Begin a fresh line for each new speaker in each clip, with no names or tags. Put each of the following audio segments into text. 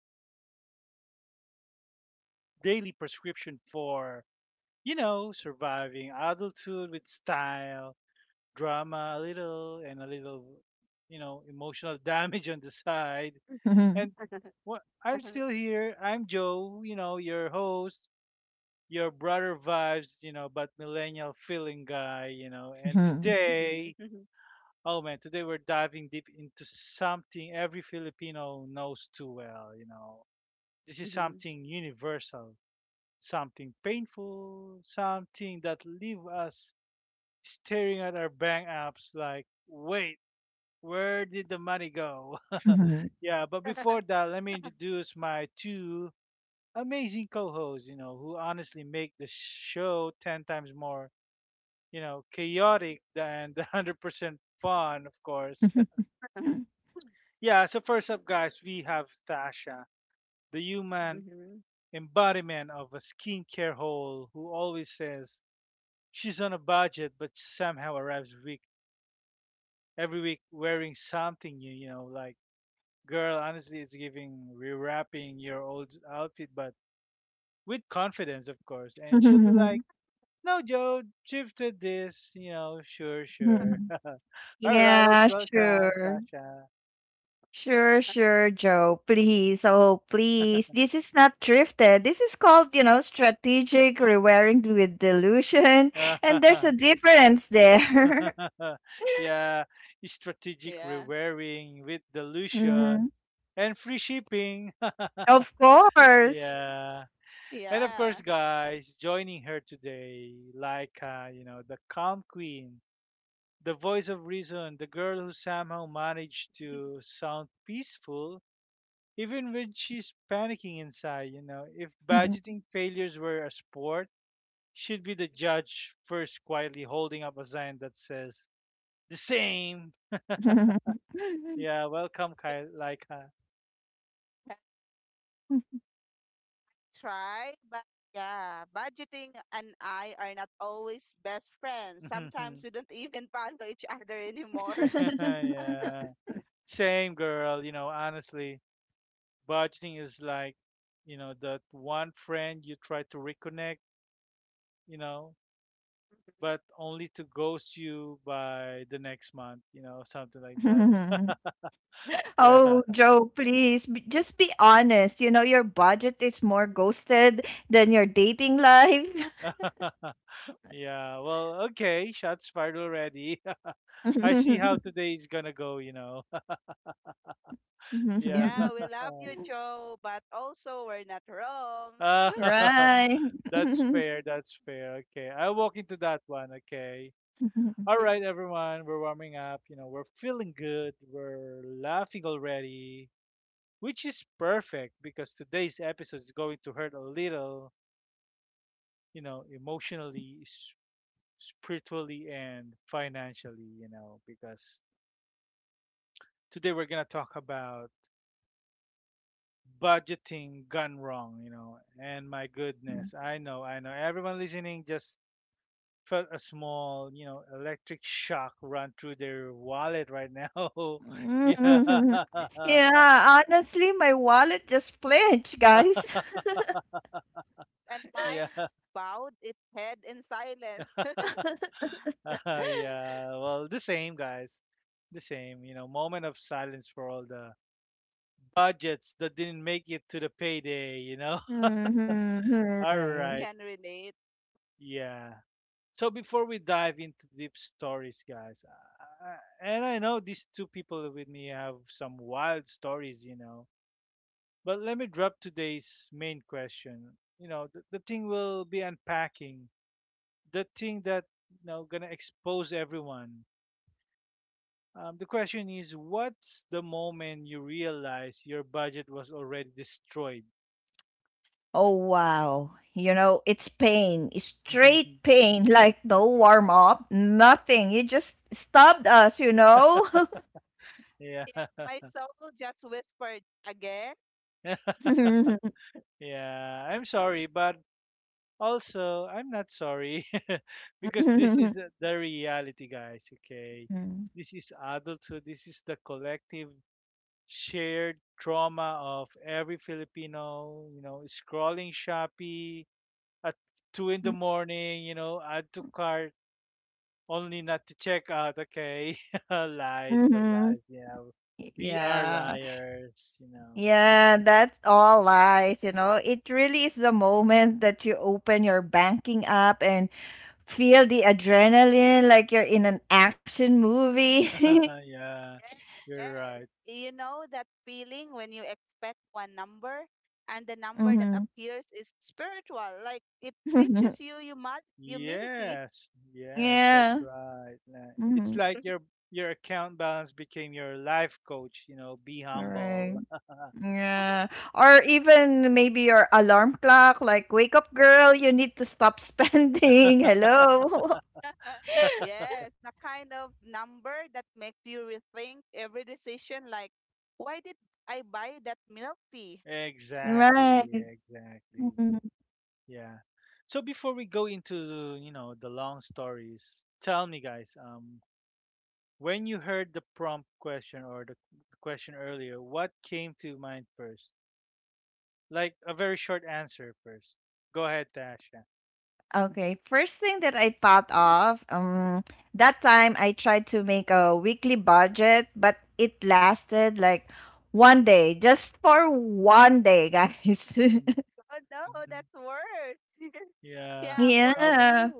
Daily Jodos, your daily prescription for, surviving adulthood with style, drama a little, and a little, emotional damage on the side.
Mhm,
And what I'm
Uh-huh.
still here. I'm Joe, your host, your brother vibes, but millennial feeling guy, and
mhm,
Mhm.
today
Mhm.
oh man, today we're diving deep into something every Filipino knows too well. This is
Mhm.
something universal, something painful, something that leave us staring at our bank apps like, "Wait, where did the money go?"
mhm,
Yeah, but before that, let me introduce my two amazing co-hosts, who honestly make the show 10 times more, chaotic than the 100% fun, of course.
Uh-huh.
Yeah, so first up, guys, we have Tasha, the human
Mhm.
embodiment of a skincare hole who always says she's on a budget but somehow arrives week every week wearing something new, like girl, honestly it's giving rewrapping your old outfit but with confidence of course. And she'll be like,
mhm,
"No Joe, shifted this," sure, sure.
mhm.
All right, let's
Yeah,
welcome
sure. Sure,
Uh-huh.
sure, Joe. Please, oh, please. This is not thrifted. This is called, you know, strategic rewiring with delusion. And there's a
Tasha.
difference there.
Yeah, strategic
Yeah.
rewiring with dilution
Mhm,
and free shipping.
of
Yeah.
course.
Yeah. And of course,
Yeah.
guys, joining her today, like, the calm queen, the voice of reason, the girl who somehow managed to sound peaceful even when she's panicking inside. If budgeting failures were a sport, she'd be the judge first quietly holding up a sign that says, the same. Yeah, welcome,
I
Kyle. Like,
can try, but yeah, budgeting and I are not always best friends. Sometimes we don't even follow each other anymore.
yeah, same girl. Honestly, budgeting is like, that one friend you try to reconnect, you know,
Mhm.
but only to ghost you by the next month, something like that. Yeah,
Oh, Joe, please just be honest. You know, your budget is more ghosted than your dating life.
yeah. Well, okay, shots fired already. I see how today's gonna go. Yeah.
Yeah, we love you, Joe, but also we're not wrong.
Right.
That's fair. That's fair. Okay, I'll walk into that one. Okay. All
Mhm.
right, everyone, we're warming up. We're feeling good. We're laughing already, which is perfect because today's episode is going to hurt a little, emotionally, spiritually, and financially, because today we're going to talk about budgeting gone wrong, and my goodness. I know. I know. Everyone listening just felt a small, electric shock run through their wallet right now. Yeah.
Yeah, honestly, my wallet just flinched, guys.
And mine
yeah.
bowed its head in silence.
yeah. Well, the same, guys. The same, moment of silence for all the budgets that didn't make it to the payday, you know?
Mhm.
All
Right.
right.
Can relate.
Yeah. So before we dive into deep stories, guys, I, and I know these two people with me have some wild stories, but let me drop today's main question. The thing we'll be unpacking, the thing that gonna expose everyone. The question is, what's the moment you realize your budget was already destroyed?
Oh, wow. You know, it's pain, straight pain, like no warm up, nothing. You just stabbed us, you know?
Yeah,
Yeah. My soul just whispered again.
yeah. I'm sorry, but also I'm not sorry because this is
Mhm,
the reality, guys. Okay,
mhm,
this is adulthood. This is the collective shared trauma of every Filipino, scrolling Shopee at two in the
mm,
morning, add to cart, only not to check out, okay? Lies, but
mhm.
lies, yeah. We are
Yeah.
Yeah.
liars, you know.
Yeah, that's all lies, you know. It really is the moment that you open your banking app and feel the adrenaline like you're in an action movie.
Yeah,
Yes.
you're
Yes.
right.
You know that feeling when you expect one number and the number that
Mhm.
appears is spiritual. Like it teaches you humility.
Yes, yes, that's
Yeah.
right. It's
Mhm.
like your account balance became your life coach, be
Right.
humble.
Yeah. Or even maybe your alarm clock, like, wake up, girl, you need to stop spending. Hello.
Yes, the kind of number that makes you rethink every decision. Like, why did I buy that milk tea?
Right.
Exactly, exactly. Yeah. So before we go into, the long stories, tell me guys, when you heard the prompt question or the question earlier, what came to mind first? Like a very short answer first. Go ahead, Tasha.
Okay, first thing that I thought of, that time I tried to make a weekly budget, but it lasted like one day, just for one day, guys.
Hmm.
Oh no,
Hmm.
that's worse.
Yeah.
Yeah, for
How?
me,
Yeah.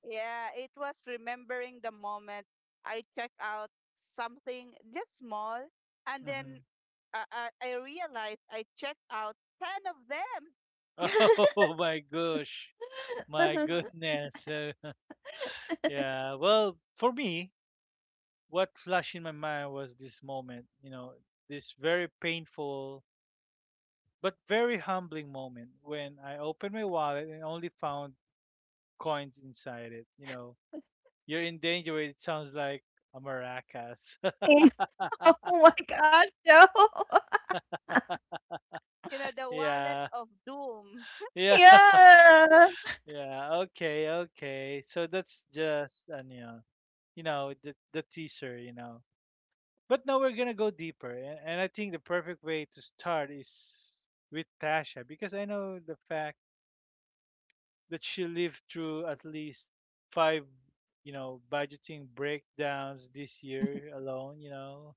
yeah, it was remembering the moment I check out something just small, and then
Hmm.
I, I realized I checked out 10 of them.
Oh my gosh. My goodness. Yeah. Well, for me, what flashed in my mind was this moment, this very painful but very humbling moment when I opened my wallet and only found coins inside it. You know, you're in danger. It sounds like a maracas.
Yeah. Oh my gosh, Joe.
You know, the wallet
Yeah,
of doom.
yeah,
Yeah.
yeah. Okay, okay. So that's just an you know the teaser. You know, but now we're gonna go deeper, and I think the perfect way to start is with Tasha because I know the fact that she lived through at least five, budgeting breakdowns this year alone, you know.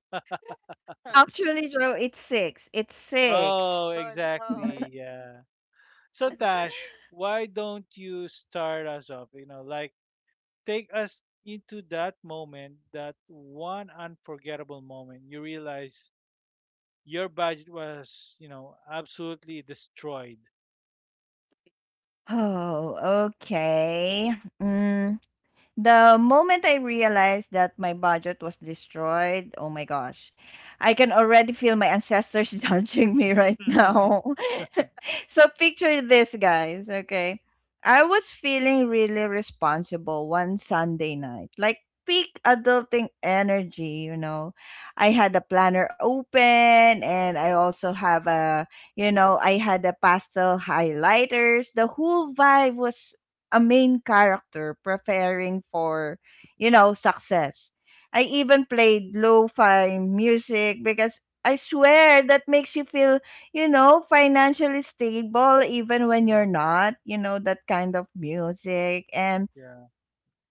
Oh,
Actually, Joe, it's six. It's six.
Oh,
no.
exactly. Yeah. So
Mhm.
Tash, why don't you start us off? Like take us into that moment, that one unforgettable moment. You realize your budget was, absolutely destroyed.
Oh, okay. Mm, the moment I realized that my budget was destroyed, oh my gosh, I can already feel my ancestors judging me right now. So picture this, guys, okay? I was feeling really responsible one Sunday night, like peak adulting energy, you know. I had a planner open, and I also have a, you know, I had a pastel highlighters. The whole vibe was a main character preparing for, you know, success. I even played lo-fi music because I swear that makes you feel, you know, financially stable even when you're
Mhm.
not, you know, that kind of music. And
Yeah.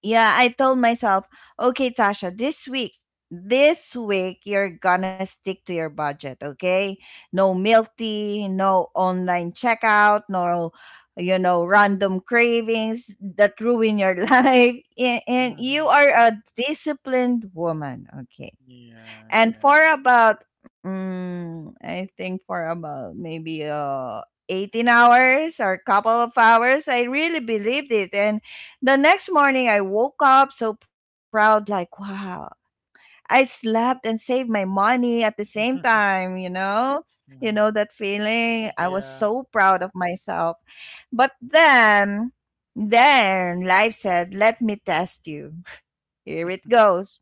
yeah, I told myself, okay, Tasha, this week, you're gonna stick to your budget, okay? No milty, no online checkout, no, you know, random cravings that ruin your life. And you
Hmm.
are a disciplined woman, okay?
Yeah.
And
Yeah.
for about, mm, I think for about maybe 18 hours or a couple of hours, I really believed it. And the next morning, I woke up so proud, like, wow, I slept and saved my money at the same time, you know? You
Mhm.
know, that feeling. I was
Yeah.
so proud of myself. But then life said, let me test you. Here it goes.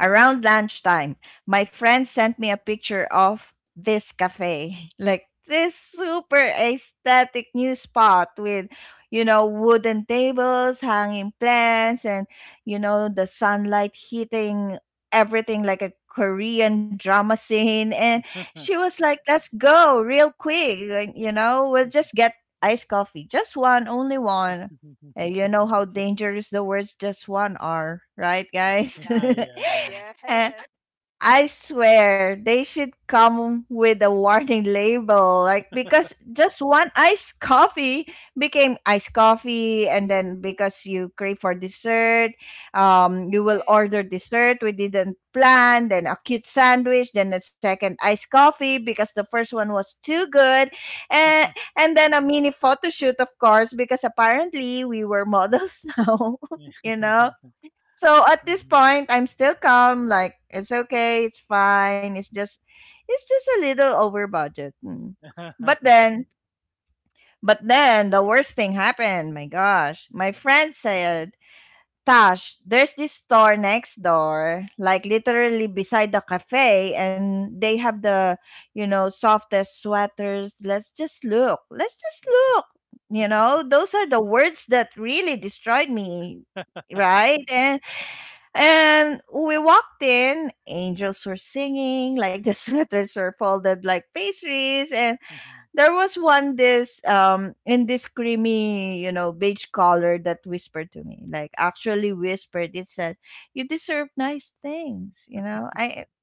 Around lunchtime, my friend sent me a picture of this cafe, like this super aesthetic new spot with, you know, wooden tables, hanging plants, and, you know, the sunlight hitting everything like a Korean drama scene. And she was like, let's go real quick. Like, you know, we'll just get iced coffee. Just one, only one. And you know how dangerous the words just one are, right, guys?
Yeah,
Yeah.
Eh,
yes.
I swear they should come with a warning label, like, because just one iced coffee became iced coffee, and then because you crave for dessert, you will
Okay.
order dessert we didn't plan, then a cute sandwich, then a second iced coffee because the first one was too good, and and then a mini photo shoot, of course, because apparently we were models now, you know. So at this
Mhm.
point, I'm still calm. Like, it's okay, it's fine. It's just a little over budget. Mm. But then, but then the worst thing happened. My gosh, my friend said, "Tash, there's this store next door, like literally beside the cafe, and they have the, you know, softest sweaters. Let's just look. Let's just look." You know, those are the words that really destroyed me, right? And we walked in, angels were singing, like the sweaters were folded like pastries. And
Mhm.
there was one this in this creamy, you know, beige color that whispered to me, like actually whispered. It said, you deserve nice things, you know. I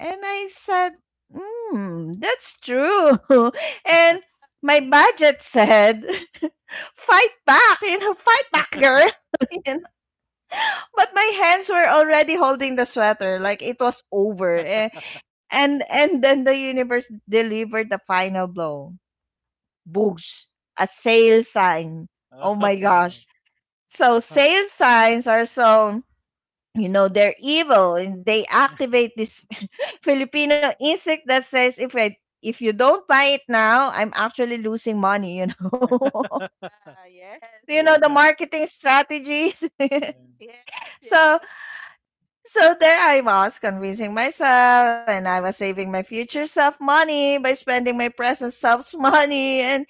and I said, hmm, that's true. And my budget said, fight back, you know, fight back, girl. But my hands were already holding the sweater like it was over. Eh, and then the universe delivered the final blow. Boosh, a sale sign. Oh
Mhm.
my
Oh.
gosh, so sale signs are so, you know, they're evil, and they activate this Filipino insect that says, if you don't buy it now, I'm actually losing money, you know?
Ah, yes,
You know, the
Yeah.
marketing strategies.
Yeah.
yes, yes.
So So there I was, convincing myself, and I was saving my future self money by spending my present self's money. And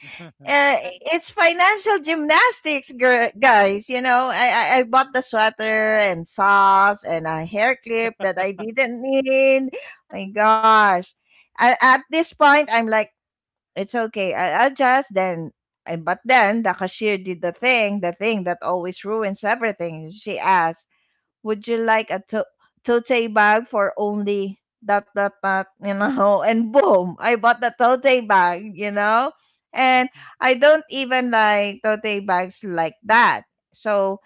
uh, it's financial gymnastics, guys. You know, I bought the sweater and socks and a hair clip that I didn't need. My gosh. A- at this point, I'm like, it's okay. I'll just then. And, but then the cashier did the thing that always ruins everything. She asked, would you like a tote bag for only dot dot dot, you know? And boom, I bought the tote bag, you know. And
Mhm.
I don't even like tote bags like that. So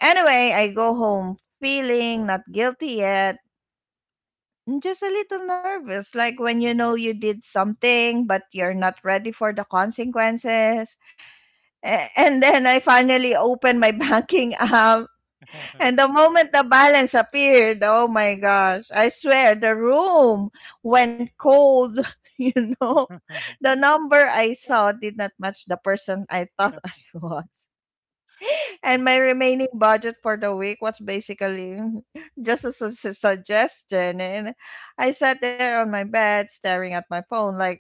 anyway, I go home feeling not guilty yet, and just a little nervous, like when you know
Mhm.
you did something but you're not ready for the consequences. A- and then I finally open my banking app,
Mhm.
and the moment the balance appeared, oh my gosh, I swear the room went cold, you know. The number I saw
Yes.
did not match the person I thought I was. And my remaining budget for the week was basically just a suggestion. And I sat there on my bed staring at my phone, like,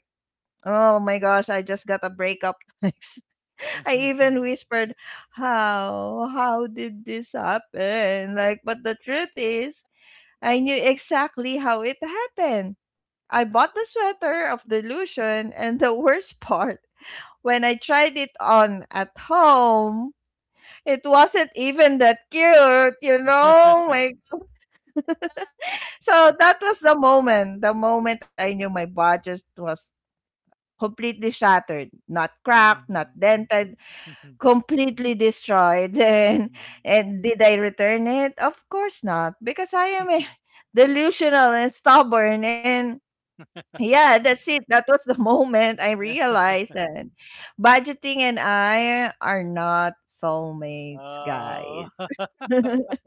oh my gosh, I just got a breakup. I even whispered, "How? How did this happen?" Like, but the truth is, I knew exactly how it happened. I bought the sweater of delusion, and the worst part, when I tried it on at home, it wasn't even that cute, you know? Like, so that was the moment I knew my budget was completely shattered. Not cracked, not
Mhm.
dented,
Mhm.
completely destroyed. and
Mhm.
and did I return it? Of course not, because I am, eh, delusional and stubborn. And yeah, that's it. That was the moment I
Yeah.
realized that budgeting and I are not soulmates,
Oh.
guys.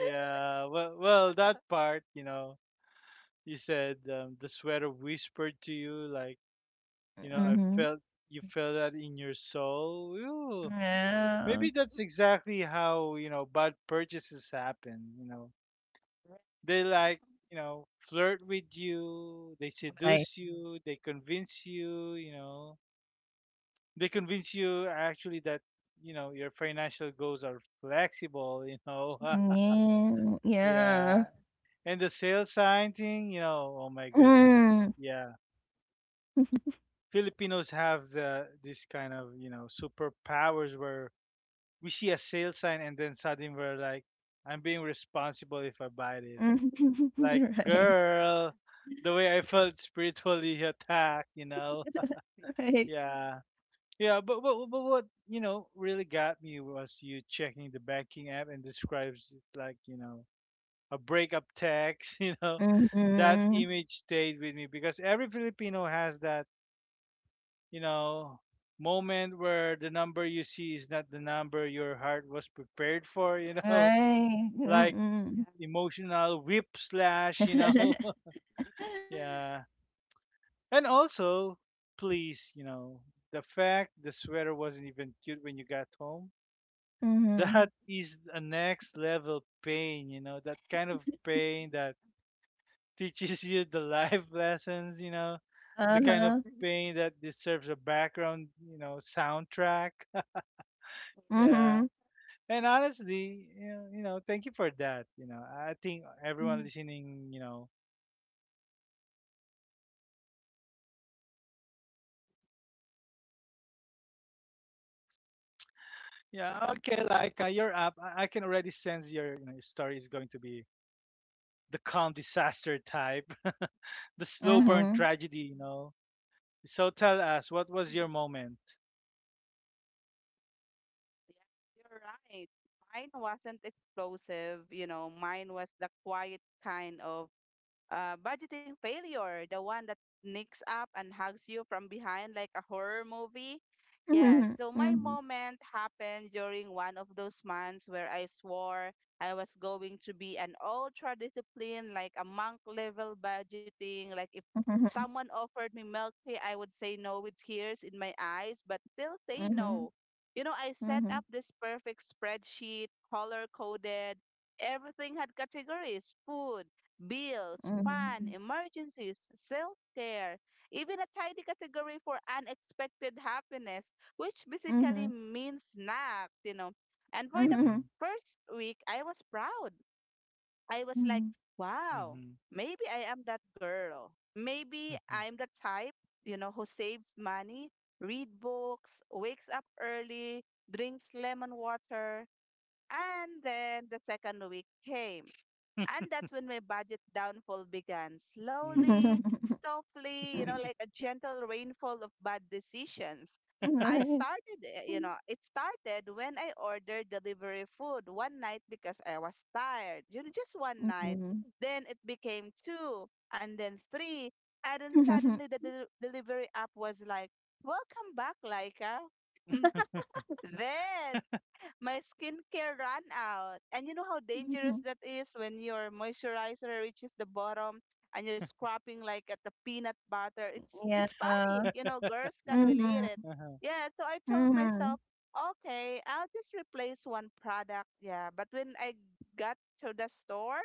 Yeah. Well, well, that part, you said the sweater whispered to you, like, you know, I
Mm-hmm.
felt you feel that in your soul. Ooh,
Yeah.
maybe that's exactly how you know bad purchases happen. You know,
Yeah.
they like you know flirt with you, they
Right.
seduce you, they convince you. You know, they convince you actually that you know your financial goals are flexible.
Yeah.
Yeah.
Yeah,
Yeah.
and the sales sign thing. You know, oh my goodness.
Mm.
Yeah, Filipinos have the this kind of you know superpowers where we see a sale sign and then suddenly we're like, I'm being responsible if I buy this. Like,
Right.
girl, the way I felt spiritually attacked, you know?
Right.
Yeah. Yeah, but what, really got me was you checking the banking app and describes it like, a breakup text, you know? That
Mm-hmm.
image stayed with me because every Filipino has that, you know, moment where the number you see is not the number your heart was prepared for, you know?
Right,
Like
mm.
emotional whiplash, you know.
Yeah.
Yeah. And also, please, the fact the sweater wasn't even cute when you got home, that
Mhm.
is a next level pain, that kind of pain that teaches you the life lessons, the kind of
Uh-huh.
pain that deserves a background, soundtrack. Yeah.
Mhm.
And honestly, thank you for that. You know, I think everyone
Mm.
listening, felt exposed in the funniest way. Yeah, okay, like you're up. I can already sense your, your story is going to be the calm disaster type, the slow burn
Mhm.
tragedy, you know. So tell us, what was
Yeah.
your moment?
Yeah, you're right. Mine wasn't explosive, you know, mine was the quiet kind of, budgeting failure, the one that nicks up and hugs you from behind like a horror movie. Yeah,
Mhm.
so my moment happened during one of those months where I swore I was going to be an ultra discipline, like a monk level budgeting. Like if
Mhm.
someone offered me milk tea, I would say no with tears in my eyes, but still say
Mhm.
no. You know, I set up
Mhm.
this perfect spreadsheet, color coded. Everything had categories: food, bills, fun,
Mhm.
emergencies, self care, even a tiny category for unexpected happiness, which basically
Mhm.
means snacks, you know. And for the
Mm-hmm,
Mhm.
first week, I was proud. I was
Mhm.
like,
Mhm.
wow,
mm-hmm,
maybe I am that girl. Maybe
mm-hmm,
I'm the type, you know, who saves money, read books, wakes up early, drinks lemon water. And then the second week came. And that's when my budget downfall began.
mm-hmm,
Slowly, softly, you know,
Mm.
like a gentle rainfall of bad decisions.
Right.
You know, it started when I ordered delivery food one night because I was tired, you know, just one night.
Mhm.
Then it became two and then three. And then suddenly the delivery app was like, "Welcome back, Laika." Then my skincare ran out. And you know how dangerous that is when your moisturizer reaches the bottom and you're scrapping like at the peanut butter. It's
Yeah.
it's panic. You know, girls can relate it.
Mhm.
Yeah, so I told
Mhm.
myself, okay, I'll just replace one product. Yeah. But when I got to the store,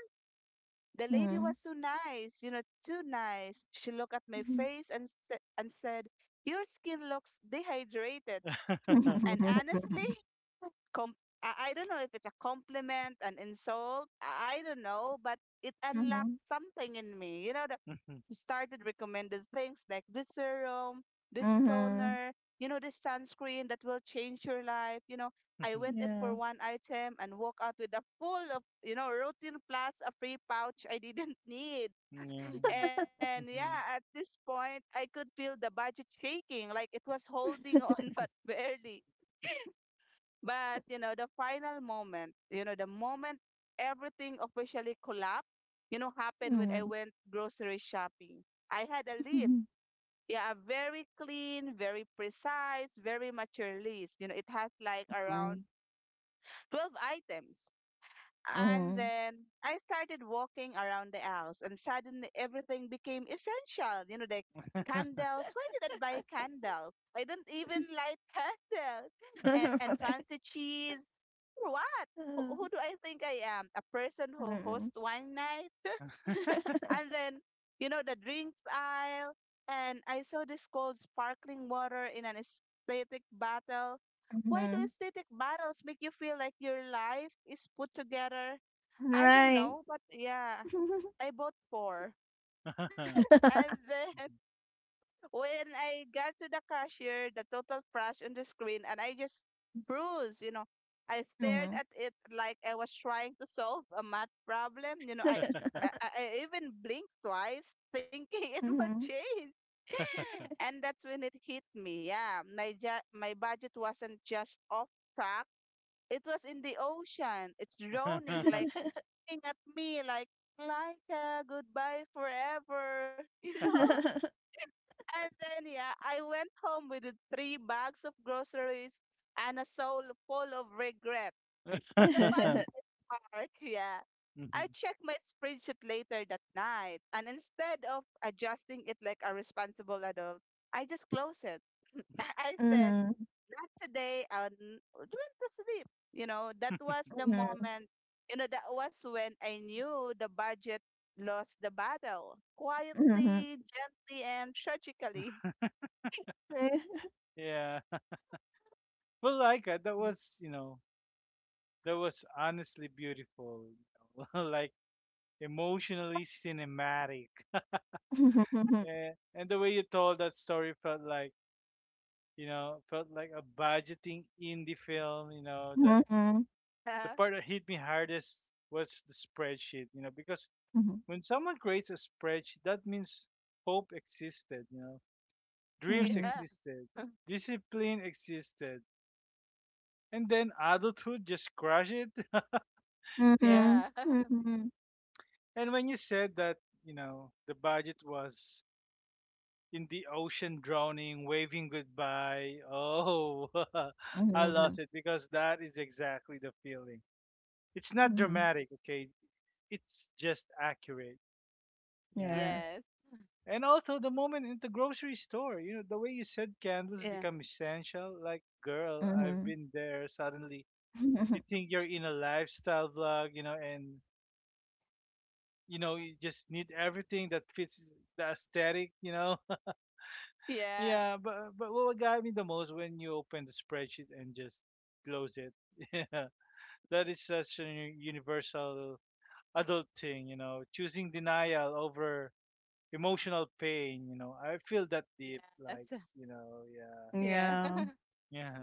the lady was
Mhm.
so nice, you know, too nice. She looked at my
Mhm.
face and said, "Your skin looks dehydrated."
uh-huh,
And honestly, com- I don't know if it's a compliment, an insult, I don't know, but it unlocked
Mhm.
something in me. You know, the,
mhm,
he started recommending things like this serum, this
Mhm.
toner, you know, this sunscreen that will change your life. You know, I
mhm,
went in for
Yeah.
one item and walk out with a full of, you know, routine plus a free pouch I didn't need.
yeah,
And yeah, at
mhm,
this point, I could feel the budget shaking, like it was holding on, but barely. But, you know, the final moment, you know, the moment everything officially collapsed, you know, happened when I
Mhm.
went grocery shopping. I had a list. Yeah, a very clean, very precise, very mature list. You know, it has like around
Mhm.
12 items. And
Mhm.
then I started walking around the house, and suddenly everything became essential. You know, like candles. Why did I buy candles? I don't even light candles. And and
Right.
fancy cheese, what? Who,
Uh,
who do I think I am? A person who
mm.
hosts one night? And then, you know, the drinks aisle. And I saw this cold sparkling water in an aesthetic bottle. Why do
Mhm.
aesthetic bottles make you feel like your life is put together? I don't
Right.
know, but yeah, I bought four. And then when I got to the cashier, the total flash on the screen, and I just froze, you know. I stared
Mhm.
at it like I was trying to solve a math problem. You know, I even blinked twice thinking it would
Mhm.
change. And that's when it hit me. Yeah, my budget wasn't just off track. It was in the ocean. It's drowning,
mhm,
like looking at me, like goodbye forever. You know, and then, yeah, I went home with the three bags of groceries and a soul full of regret. But the funniest part, yeah, I
mhm,
checked my spreadsheet later that night, and instead of adjusting it like a responsible adult, I just closed it. I said,
Mhm.
not today, I went to sleep. You know, that was the
Mhm.
moment, you know, that was when I knew the budget lost the battle, quietly, gently, and tragically.
yeah. Well, Laika, that was, that was honestly beautiful, like emotionally cinematic.
Mhm.
Eh, and the way you told that story felt like, felt like a budgeting indie film, that the
Yeah.
part that hit me hardest was the spreadsheet, because
Mhm. Mhm.
when someone creates a spreadsheet, that means hope existed, dreams
Yeah.
existed, discipline existed, and then adulthood just crushed it. Yeah.
Mhm.
Yeah.
Mhm. Mhm. Mhm.
And when you said that, the budget was in the ocean drowning, waving goodbye, oh, I
Mhm.
lost
Mhm.
it because that is exactly the feeling. It's not
Mhm.
dramatic, okay? It's just accurate. Yeah.
Yeah.
Yes.
And also the moment in the grocery store, the way you said candles
Yeah.
become essential, like, girl, I've
Mhm.
been there. Suddenly you think you're in a lifestyle vlog, and you just need everything that fits the aesthetic, you know?
Yeah.
Yeah, but what got me the most when you open the spreadsheet and just close it. Yeah, that is such a universal adult thing, choosing denial over emotional pain. You know, I feel that deep, like
Yes.
you know, yeah,
Yeah.
Yeah.
yeah.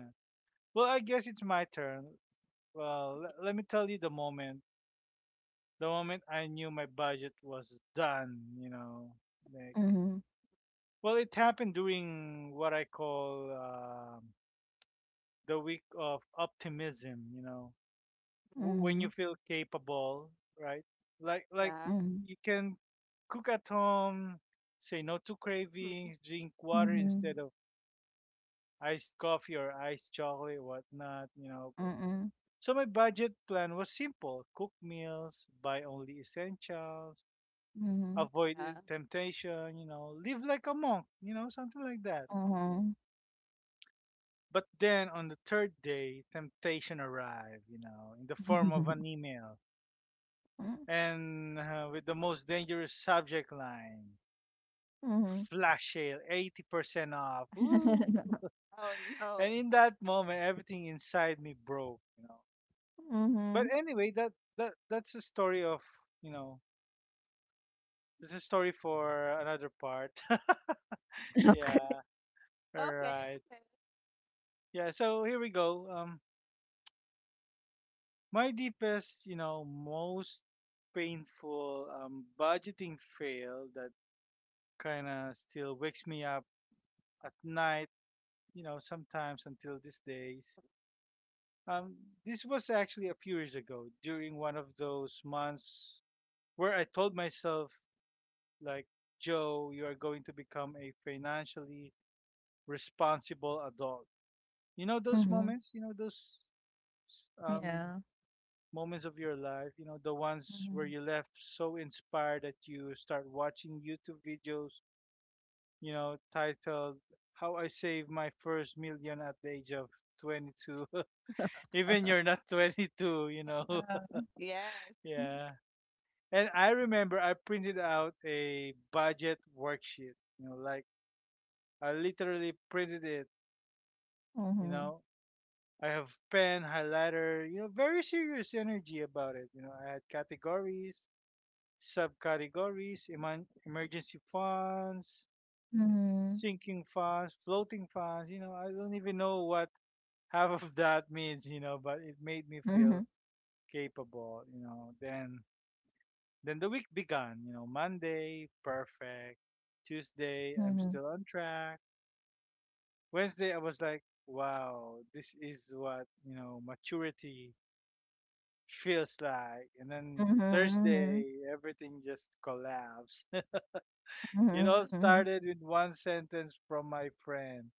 Well, I guess it's my turn. Well, let me tell you the moment I knew my budget was done. Like,
Mhm.
well, it happened during what I call. The week of optimism, when
Mhm.
you feel capable, right? Like
Yeah.
Mhm.
you can cook at home, say no to
Mm.
cravings, drink water
Mhm.
instead of iced coffee or iced chocolate, whatnot, you know. So my budget plan was simple: cook meals, buy only essentials,
Mhm.
avoid
Yeah.
temptation, live like a monk, something like that.
Mhm. Mhm.
But then on the third day, temptation arrived, in the form of an email
Mhm.
and with the most dangerous subject line flash sale 80% off. Woo!
Mhm.
Oh no.
And in that moment everything inside me broke, you know. But
Mhm.
anyway, that's a story of, you know it's a story for another part.
Okay.
Yeah. All
Okay.
right.
Okay.
Yeah, so here we go. My deepest, you know, most painful budgeting fail that kind of still wakes me up at night, you know, sometimes until these days. Um, this was actually a few years ago during one of those months where I told myself, like, Joe, you are going to become a financially responsible adult. You know those
Mhm.
moments, you know those um,
Yeah.
moments of your life, you know, the ones where
Mhm.
you left so inspired that you start watching YouTube videos, you know, titled How I Saved My First Million at the Age of 22. Even you're not 22, you know.
Uh,
Yes.
Yeah. And I remember I printed out a budget worksheet. You know, like I literally printed it. You
mm.
know, I have pen, highlighter. You know, very serious energy about it. You know, I had categories, subcategories, emergency funds,
Mhm.
sinking funds, floating funds. You know, I don't even know what half of that means. You know, but it made me
Mhm.
feel capable. You know, then the week began, you know. Monday, perfect. Tuesday, I'm
Mhm.
still on track. Wednesday, I was like, wow, this is what, you know, maturity feels like. And then
Mhm.
Thursday, everything just collapsed.
Mhm. Mhm.
It all
Mhm. Mhm.
started with one sentence from my friend.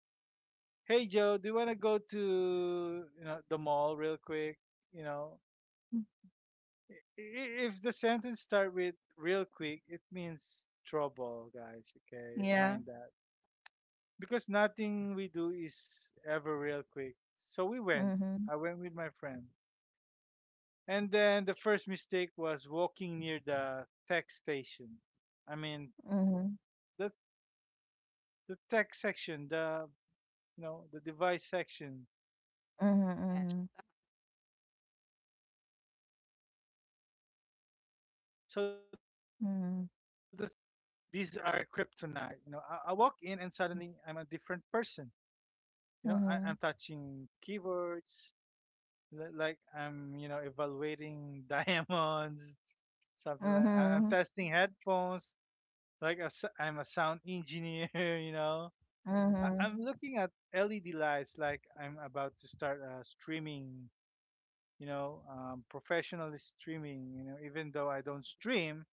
Hey Joe, do you want to go to, you know, the mall real quick? You know, i- if the sentence start with real quick, it means trouble, guys, okay?
Yeah.
Mind that. Because nothing we do is ever real quick. So we went.
Mhm.
I went with my friend. And then the first mistake was walking near the tech station. I mean,
Mhm.
the the tech section, the you know, the device section.
Yeah.
Mhm.
So there are texters, you know, the texters. These are
Mhm.
kryptonite. You know, I walk in and suddenly I'm a different person. You know, I'm
Mhm.
touching keyboards, like I'm, you know, evaluating diamonds, something like
Mhm.
I'm testing headphones, like I'm a sound engineer, you know.
Mhm.
I'm looking at LED lights, like I'm about to start streaming, you know, professionally streaming, you know, even though I don't stream.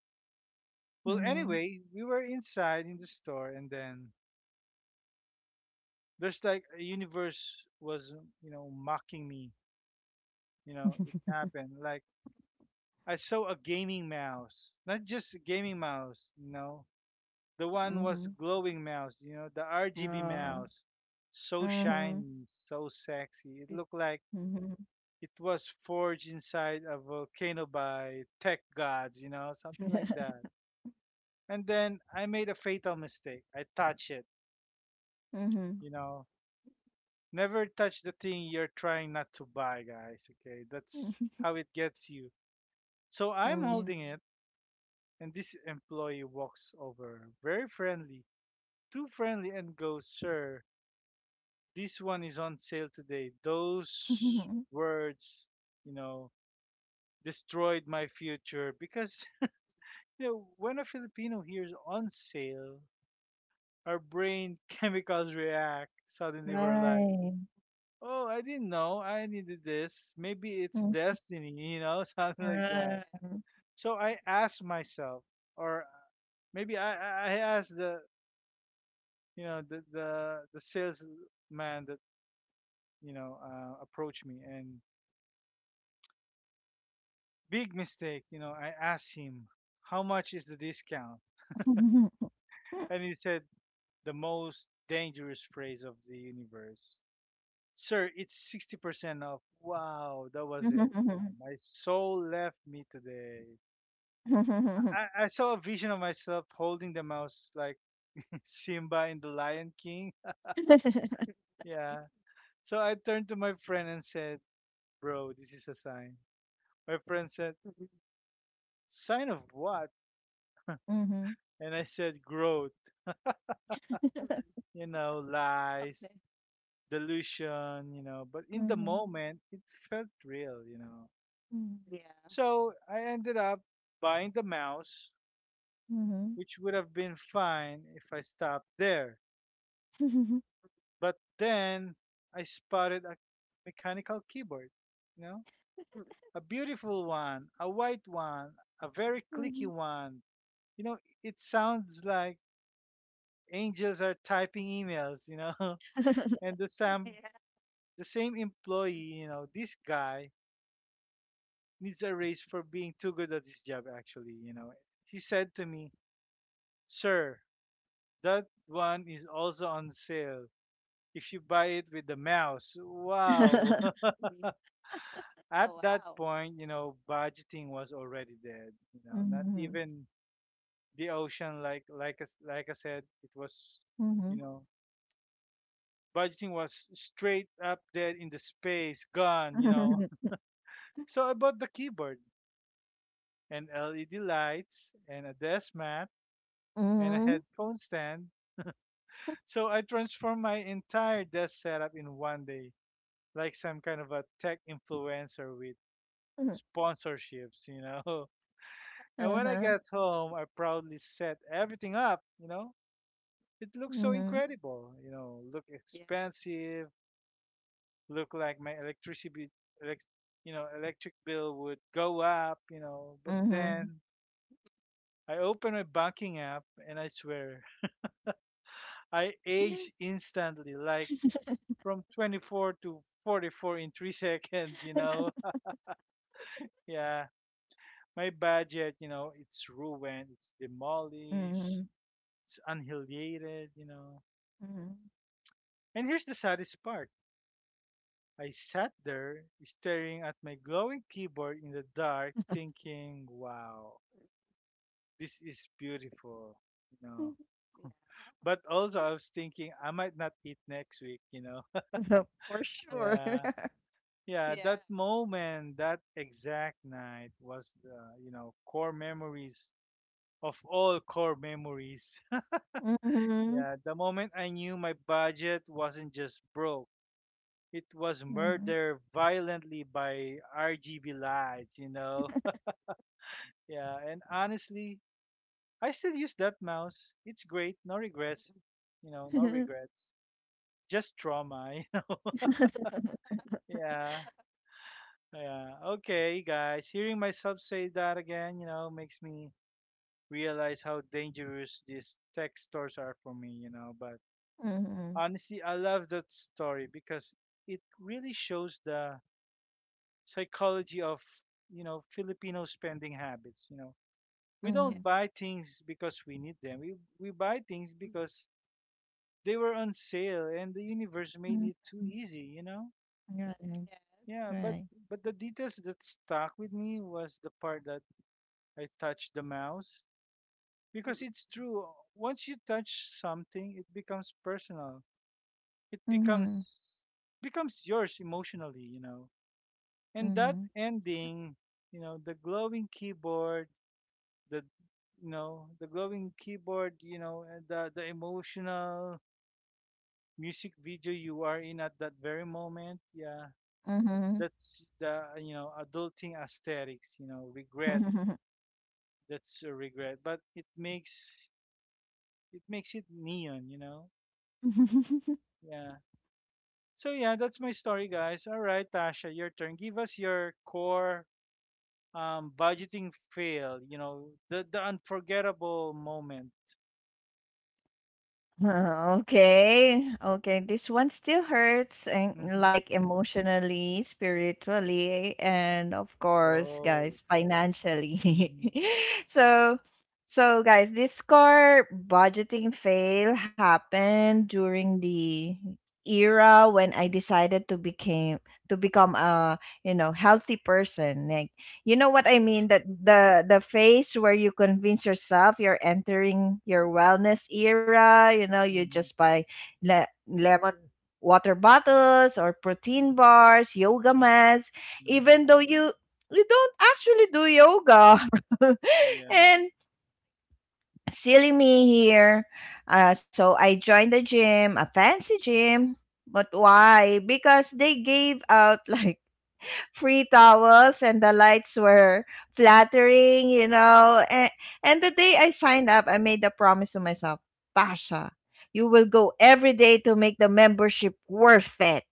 Well,
Mhm.
anyway, we were inside in the store, and then there's like a universe was, you know, mocking me. You know, it happened. Like I saw a gaming mouse, not just a gaming mouse, you know. The one
Mhm.
was glowing mouse, you know, the RGB
Oh.
mouse, so
Mhm.
shiny, so sexy. It looked like
Mhm.
it was forged inside a volcano by tech gods, you know, something like that. And then I made a fatal mistake. I touched it,
Mhm.
you know. Never touch the thing you're trying not to buy, guys. Okay, that's how it gets you. So
Mhm.
I'm
Yeah.
Mhm.
holding it and this employee walks over, very friendly, too friendly, and goes, Sir, this one is on sale today. Those words, you know, destroyed my future because, you know, when a Filipino hears on sale, our brain chemicals react. Suddenly we're like,
Right.
oh, I didn't know I needed this. Maybe it's
Mhm.
destiny, you know, something like
Yeah.
that.
Right.
So I asked myself, or maybe I asked the salesman that, you know, approached me. And big mistake, you know. I asked him, how much is the discount? And he said the most dangerous phrase of the universe, sir, it's 60% off. Wow, that
Mhm,
was
mhm,
it.
mhm. Mhm.
No,
Mhm.
my soul left me today. I saw a vision of myself holding the mouse like Simba in the Lion King. Yeah. So I turned to my friend and said, bro, this is a sign. My friend said,
Mm, mm,
sign of what? And I said, growth,
Mhm.
mm, mm.
you know,
Okay.
lies, delusion, you know. But in the
Mhm.
moment, it felt real, you know.
Yeah.
So I ended up buying the mouse,
Mhm.
which would have been fine if I stopped there. But then I spotted a mechanical keyboard, you know,
Mm, mm,
a beautiful one, a white one, a very clicky one. You know, it sounds like angels are typing emails, you know. And the sound, the same employee, you know, this guy needs a raise for being too good at his job, actually, you know. He said to me, sir, that one is also on sale if you buy it with the mouse. Wow.
mm, mm.
At
Oh
that
wow.
point, you know, budgeting was already dead, you know,
Mhm.
not
Mhm.
even the ocean, like I s like I said, it was,
Mhm.
you know, budgeting was straight up dead in the space, gone, you know.
Uh-huh.
So about the keyboard, and LED lights and a desk mat and a headphone stand. So I transformed my entire desk setup in one day, like some kind of a tech influencer with sponsorships, you know. And when I got home, I proudly set everything up, you know. It looked so
Mhm.
incredible, you know, look
Yeah.
expensive, look like my electricity elec- you know, electric bill would go up, you know. But
Mhm.
then I opened my banking app and I swear I aged instantly, like from 24 to 44 in three seconds, you know? Yeah. My budget, you know, it's ruined, it's
Mhm.
demolished, it's annihilated, you know?
Mhm.
And here's the saddest part. I sat there staring at my glowing keyboard in the dark, thinking, wow, this is beautiful, you know?
Yeah.
But also, I was thinking I might not eat next week, you know?
For sure.
Yeah. Yeah,
Yeah.
that moment, that exact night was the, you know, core memories of all core memories.
Mhm.
Yeah, the moment I knew my budget wasn't just broke, it was
Mhm.
murdered violently by RGB lights, you know? Yeah, and honestly, I still use that mouse. It's great, no regrets, you know, no regrets, just trauma. Yeah, yeah. Okay, guys, hearing myself say that again, you know, makes me realize how dangerous these tech stores are for me, you know. But
Mhm.
honestly, I love that story because it really shows the psychology of, you know, Filipino spending habits, you know. We
Yeah.
don't
Mhm.
buy things because we need them. We buy things because they were on sale and the universe made
Mhm.
it too easy, you know?
Right.
Mhm, mhm.
Yeah,
Yes.
but
Right.
the details that stuck with me was the part that I touched the mouse because it's true. Once you touch something, it becomes personal. It
Mhm.
becomes yours emotionally, you know. And that
Mhm.
ending, you know, the glowing keyboard, the the glowing keyboard, you know, and the emotional music video you are in at that very moment, yeah. That's the, you know, adulting aesthetics, you know, regret.
Mhm.
That's a regret, but it makes it neon, you know. Yeah. So yeah, that's my story, guys. All right, Tasha, your turn. Give us your core budgeting fail. You know, the unforgettable moment.
Okay, okay. This one still hurts, and
Hmm.
like emotionally, spiritually, and of course,
Oh.
guys, financially.
Hmm.
So, so guys, this core budgeting fail happened during the era when I decided to became to become a, you know, healthy person. Like, you know what I mean, that the phase where you convince yourself you're entering your wellness era. You know, you
Hmm.
just buy lemon water bottles or protein bars, yoga
Yeah.
mats,
Hmm.
even though you don't actually do yoga.
Yeah.
And silly me here. So I joined a gym, a fancy gym, but why? Because they gave out like free towels and the lights were flattering, you know. And the day I signed up, I made a promise to myself, Tasha, you will go every day to make the membership worth it,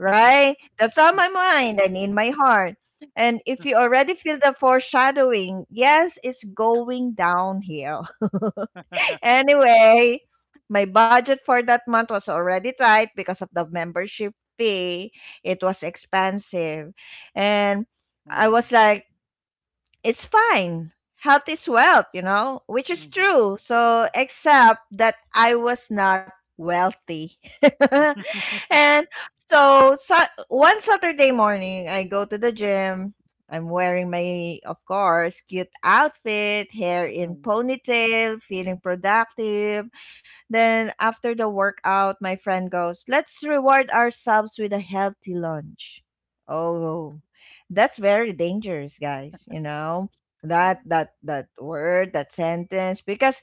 right? That's on my mind and in my heart. And if you already feel the foreshadowing, yes, it's going downhill. Anyway, my budget for that month was already tight because of the membership fee. It was expensive. And I was
Hmm.
like, it's fine. Health is wealth, you know, which is
Hmm.
true. So, except that I was not wealthy. And so, so, one Saturday morning, I go to the gym. I'm wearing my, of course, cute outfit, hair
Yeah.
in ponytail, feeling productive. Then after the workout, my friend goes, "Let's reward ourselves with a healthy lunch." Oh, that's very dangerous, guys. You know, that that word, that sentence, because,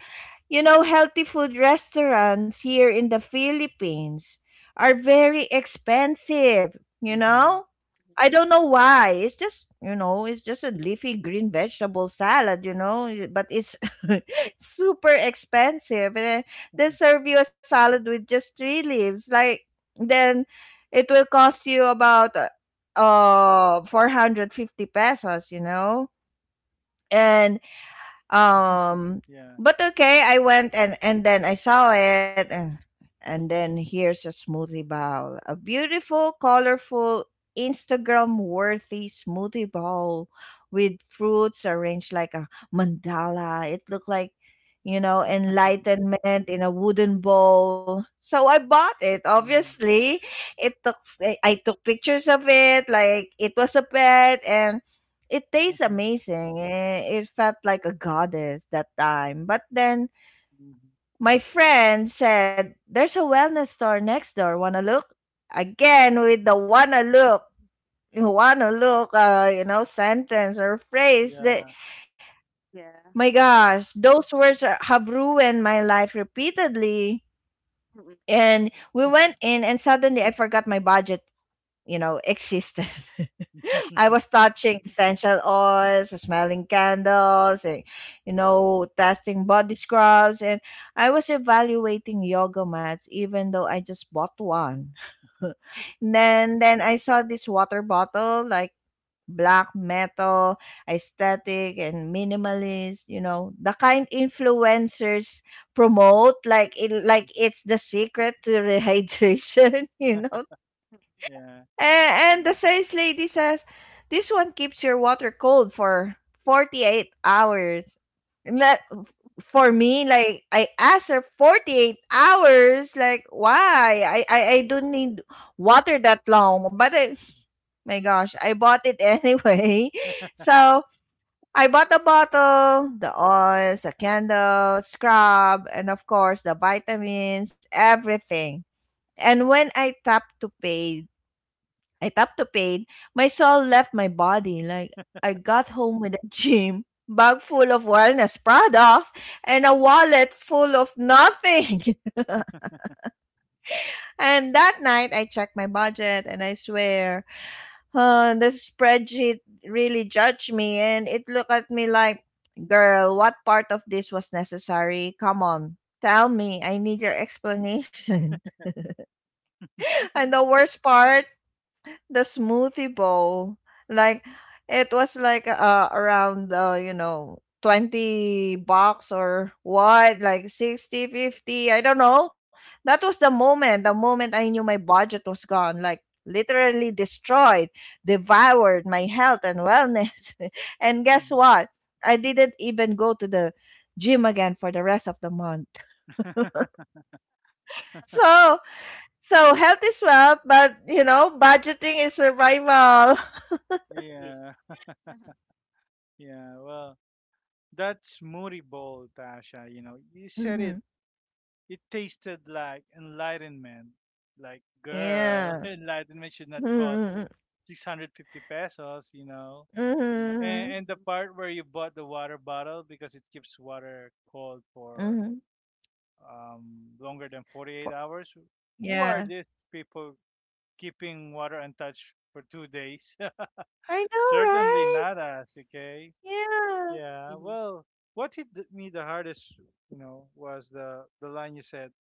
you know, healthy food restaurants here in the Philippines are very expensive. You
Hmm.
know, I don't know why. It's just a leafy green vegetable salad, but it's super expensive. And they serve you a salad with just three leaves. Like then it will cost you about 450 pesos. And
Yeah.
um, but okay, I went and then I saw it, and then here's a smoothie bowl. A beautiful, colorful, Instagram worthy smoothie bowl with fruits arranged like a mandala. It looked like enlightenment in a wooden bowl. So I bought it. Obviously, it took I took pictures of it, like it was a pet, and it
Hmm. Hmm.
tastes amazing. It felt like a goddess that time. But then my friend said, "There's a wellness store next door. Wanna look?" Again, with the "wanna look, wanna look," sentence or phrase that,
Yeah.
my gosh, those words have ruined my life repeatedly.
Mhm, mhm, mhm, mhm. Yeah. Mm, mm, mhm. Yeah.
And we went in, and suddenly I forgot my budget existed. I was touching essential oils, smelling candles, and testing body scrubs. And I was evaluating yoga mats, even though I just bought one. Then I saw this water bottle, like black metal, aesthetic, and minimalist, the kind influencers promote, like, like
Mhm.
it's the secret to rehydration. you know
Yeah.
a- And the sales lady says, "This one keeps your water cold for 48 hours." And that, for me, like, I asked her, "48 hours, like, why? I don't need water that long." But, my gosh, I bought it anyway. So, I bought the bottle, the oils, the candle, scrub, and of course, the vitamins, everything. And when I tapped to pay, I tapped the pain. My soul left my body. Like I got home with a gym bag full of wellness products and a wallet full of nothing. And that night I checked my budget and I swear, the spreadsheet really judged me and it looked at me like, "Girl, what part of this was necessary? Come on. Tell me, I need your explanation." And the worst part, the smoothie bowl, like it was like around 20 bucks or what, like 60, 50, I don't know. That was the moment I knew my budget was gone, like literally destroyed, devoured my health and wellness. And guess
Mhm.
what? I didn't even go to the gym again for the rest of the month. So so health is wealth, but budgeting is survival.
Yeah. Yeah. Well, that's moody bowl, Tasha. You know, you said it. It tasted like enlightenment. Like, girl,
Yeah.
enlightenment should not cost
Mhm,
650 pesos, you know.
mm,
And,
mhm,
Mm, mm, mhm,
and the
mhm, mhm. Yeah. Mhm,
part where you bought the water bottle because it keeps water cold for
mhm.
um, longer than 48
Po,
hours. Who are
yeah.
these people keeping water untouched for 2 days?
I
Certainly
know,
not
right?
us, okay?
Yeah.
Yeah,
mhm.
well, what hit me the hardest, you know, was the line you said.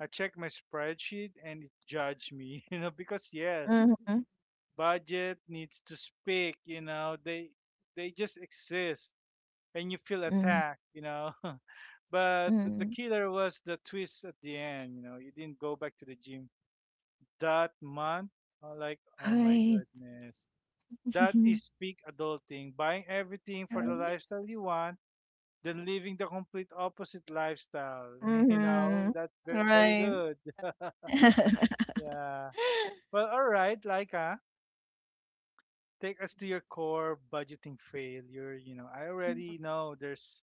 I checked my spreadsheet and it judged me, you know, because yes,
Mhm,
budget needs to speak, you know, they just exist and you feel
mhm,
attacked, you know. But the
mhm.
killer was the twist at the end, you know. You didn't go back to the gym that month. Like, oh my
Right.
goodness. That is peak adulting, buying everything for
Yeah.
the
Yeah.
lifestyle you want. They're living the complete opposite lifestyle. You
Mhm.
know, that's very
Right.
good. Yeah. Well, all right, Laika, take us to
Mhm.
your core budgeting failure. You know, I already know there's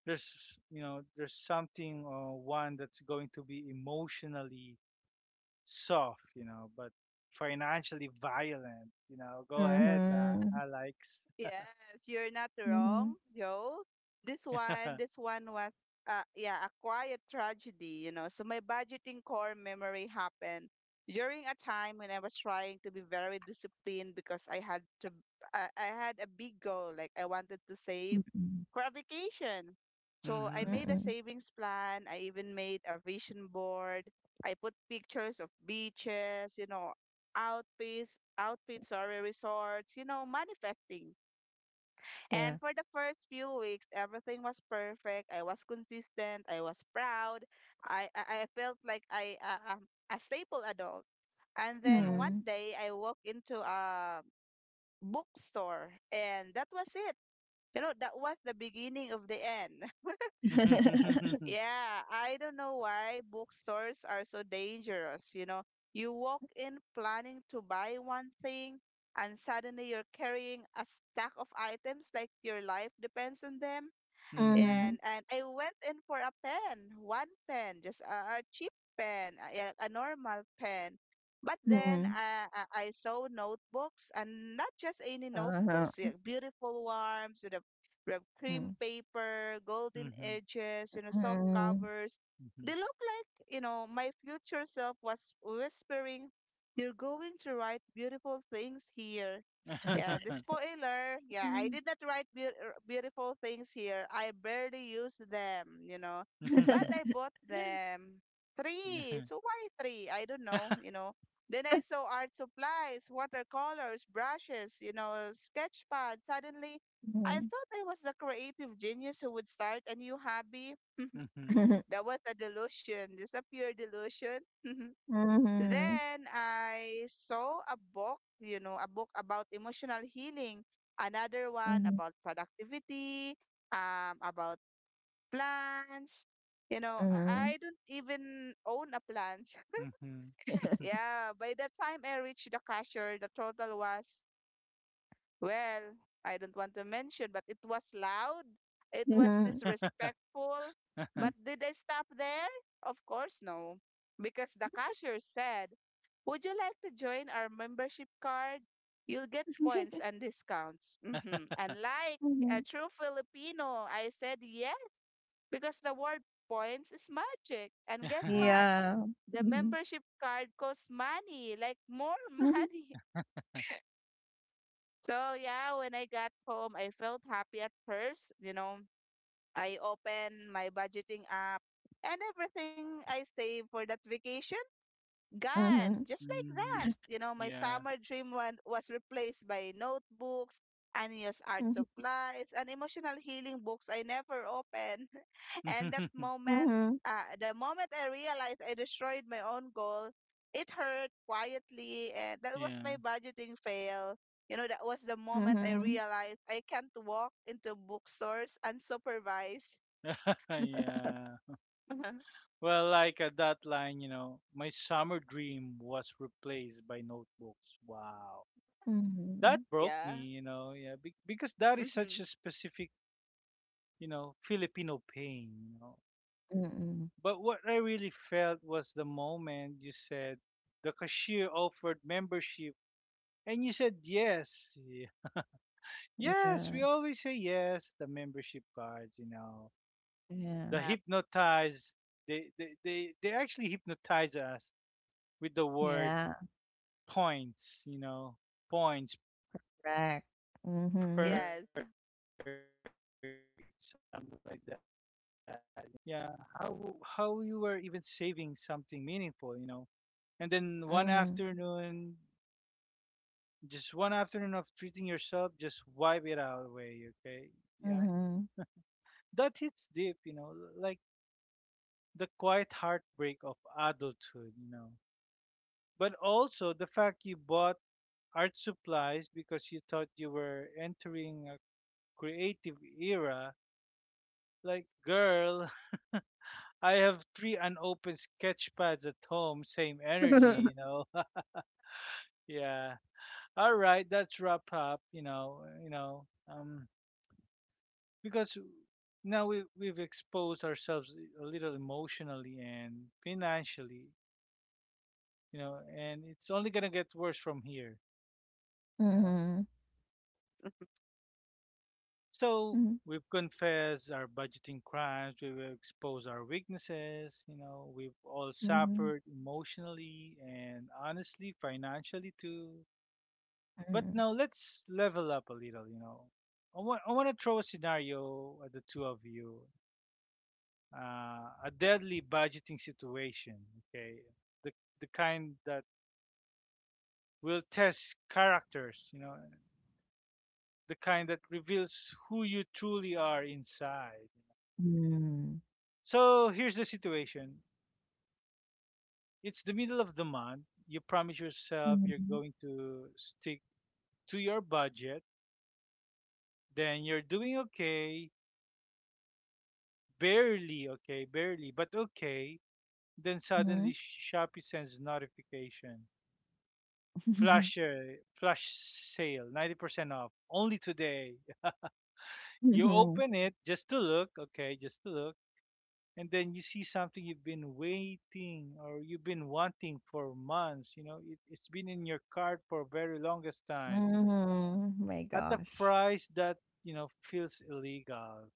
there's something, one that's going to be emotionally soft, you know, but financially violent. You know, go ahead,
Mhm,
Alex.
Yes, you're not
mhm.
wrong, Joe. This one, this one was, yeah, a quiet tragedy, you know. So my budgeting core memory happened during a time when I was trying to be very disciplined because I had to, I had a big goal, like I wanted to save
Mm-mm,
for a vacation. So I
Mhm.
made a
mm-mm.
savings plan. I even made a vision board. I put pictures of beaches, you know, outfits, outfits, sorry, resorts, you know, manifesting. And
Yeah.
for the first few weeks, everything was perfect. I was consistent. I was proud. I felt like I a stable adult. And then
Mhm.
one
Mm.
day, I walked into a bookstore, and that was it. You know, that was the beginning of the end.
Mhm.
Yeah, I don't know why bookstores are so dangerous. You know, you walk in planning to buy one thing, and suddenly you're carrying a stack of items like your life depends on them.
Mhm.
Mhm,
And I went in for a pen, one pen, just a cheap pen, a, yeah, a normal pen. But then
mhm.
I saw notebooks, and not just any notebooks,
Uh-huh.
yeah, beautiful ones with with a cream
Mm,
paper, golden
Mhm.
edges, you know, soft
mhm.
covers. They look like, you know, my future self was whispering, "You're going to write beautiful things here." Yeah, the
Mhm.
spoiler. Yeah, I did not write beautiful things here. I barely used them, you know. But I bought them. Three.
Mhm.
So why three? I don't know, you know. Then I saw art supplies, watercolors, brushes, you know, sketch pad. Suddenly, I
Mhm.
thought I was the creative genius who would start a new hobby.
Mhm.
Mhm.
That was a delusion, just a pure delusion.
Mhm.
Then I saw a book, you know, a book about emotional healing, another one
Mhm.
about productivity, about plants. You know,
Mhm.
I don't even own a plant.
Mhm.
Yeah, by the time I reached the cashier, the total was, well, I don't want to mention, but it was loud. It was
Mhm.
disrespectful. But did I stop there? Of course, no. Because the cashier said, "Would you like to join our membership card? You'll get
Mm.
points and discounts." And like
Mhm.
a true Filipino, I said yes because the word points is magic. And guess what?
Yeah.
The
Mhm.
membership card costs money, like more
Mhm.
money. So yeah, when I got home, I felt happy at first. You know, I opened my budgeting app and everything I saved for that vacation, gone, just like that.
Mhm.
You know, my
Yeah.
summer dream one was replaced by notebooks, unused art
Mhm.
supplies, and emotional healing books I never opened. And that
Mhm.
moment, the moment I realized I destroyed my own goal, it hurt quietly, and that was
Yeah.
my budgeting fail. You know, that was the
Mhm.
moment I
Mhm.
realized I can't walk into bookstores unsupervised.
Yeah. Well, like at that line, you know, my summer dream was replaced by notebooks. Wow.
Mhm.
That broke me,
Yeah.
you know. Yeah, because that is such
hmm
a specific, you know, Filipino pain, you know.
Mm.
But what I really felt was the moment you said the cashier offered membership and you said yes.
Yeah.
Yes, we always say yes. The membership cards, you know,
Yeah.
the
Yeah.
hypnotize. They actually hypnotize us with the word
Yeah.
points. You know, points, perks, something
Correct.
like that. You know,
Mhm.
Yes.
and the card. Yeah, how you were even saving something meaningful. You know, and then one
Mhm.
afternoon, just one afternoon of treating yourself, just wipe it out away. Okay, yeah,
Mhm.
that hits deep. You know, like the quiet heartbreak of adulthood, you know. But also the fact you bought art supplies because you thought you were entering a creative era. Like, girl, I have three unopened sketch pads at home, same energy, Yeah. All right, that's wrap up, Um because now we've exposed ourselves a little emotionally and financially, and it's only gonna get worse from here. Yeah.
Mhm.
So
Mhm.
we've confessed our budgeting crimes, we've exposed our weaknesses, we've all
Mhm.
suffered emotionally and honestly, financially too.
Mhm.
But now let's level up a little, I want to throw a scenario at the two of you. A deadly budgeting situation, okay? The, the kind that will test characters, the kind that reveals who you truly are inside.
Mm.
So here's the situation. It's the middle of the month. You promise yourself you're
Mhm.
going to stick to your budget. Then you're doing okay, barely, but okay. Then
Mhm.
suddenly Shopee sends notification. Flash sale, 90% off, only today. You
Mhm.
open it just to look, okay, just to look. And then you see something you've been waiting or you've been wanting for months, it's been in your cart for very longest time
Mhm. My
at a
gosh.
price that, feels illegal,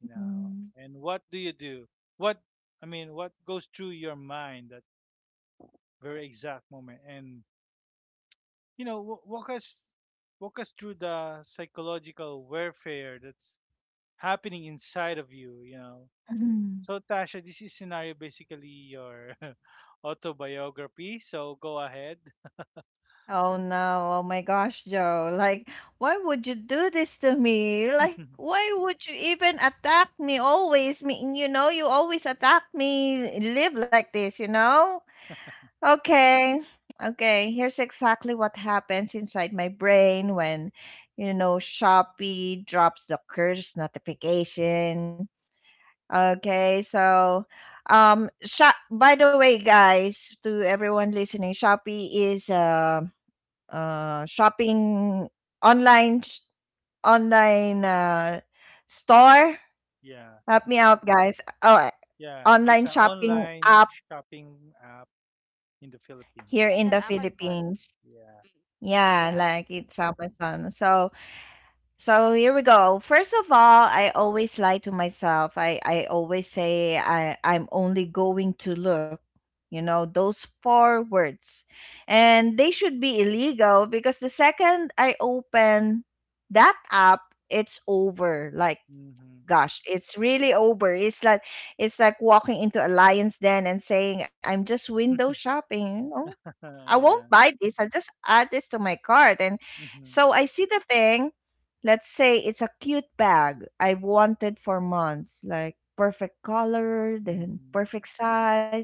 Mhm.
and what do you do? What, I mean, what goes through your mind that very exact moment? And, you know wa- walk us walk us through the psychological warfare that's happening inside of you, you know
Mhm.
So Tasha, this is scenario basically your autobiography. So go ahead.
Oh no, oh my gosh, Joe. Like, why would you do this to me? Like, why would you even attack me always? Me, you always attack me. Live like this, you know? Okay. Okay, here's exactly what happens inside my brain when, Shopee drops the curse notification. Okay, so Shop by the way, guys, to everyone listening, Shopee is shopping online sh- online store.
Yeah,
Help me out, guys. Oh,
yeah. It's
online
an
shopping
online
app
shopping app in the Philippines.
here
Like
in the
an Amazon.
Philippines.
Yeah.
Yeah,
Yeah.
like it's Amazon. So here we go. First of all, I always lie to myself. I always say I'm only going to look. Those four words. And they should be illegal because the second I open that app, it's over. Like,
Mhm.
gosh, it's really over. It's like walking into a lion's den and saying, "I'm just window shopping. Oh, I won't
Yeah.
buy this. I'll just add this to my cart." And
Mhm.
so I see the thing. Let's say it's a cute bag I've wanted for months, like perfect color, then
Mhm.
perfect size.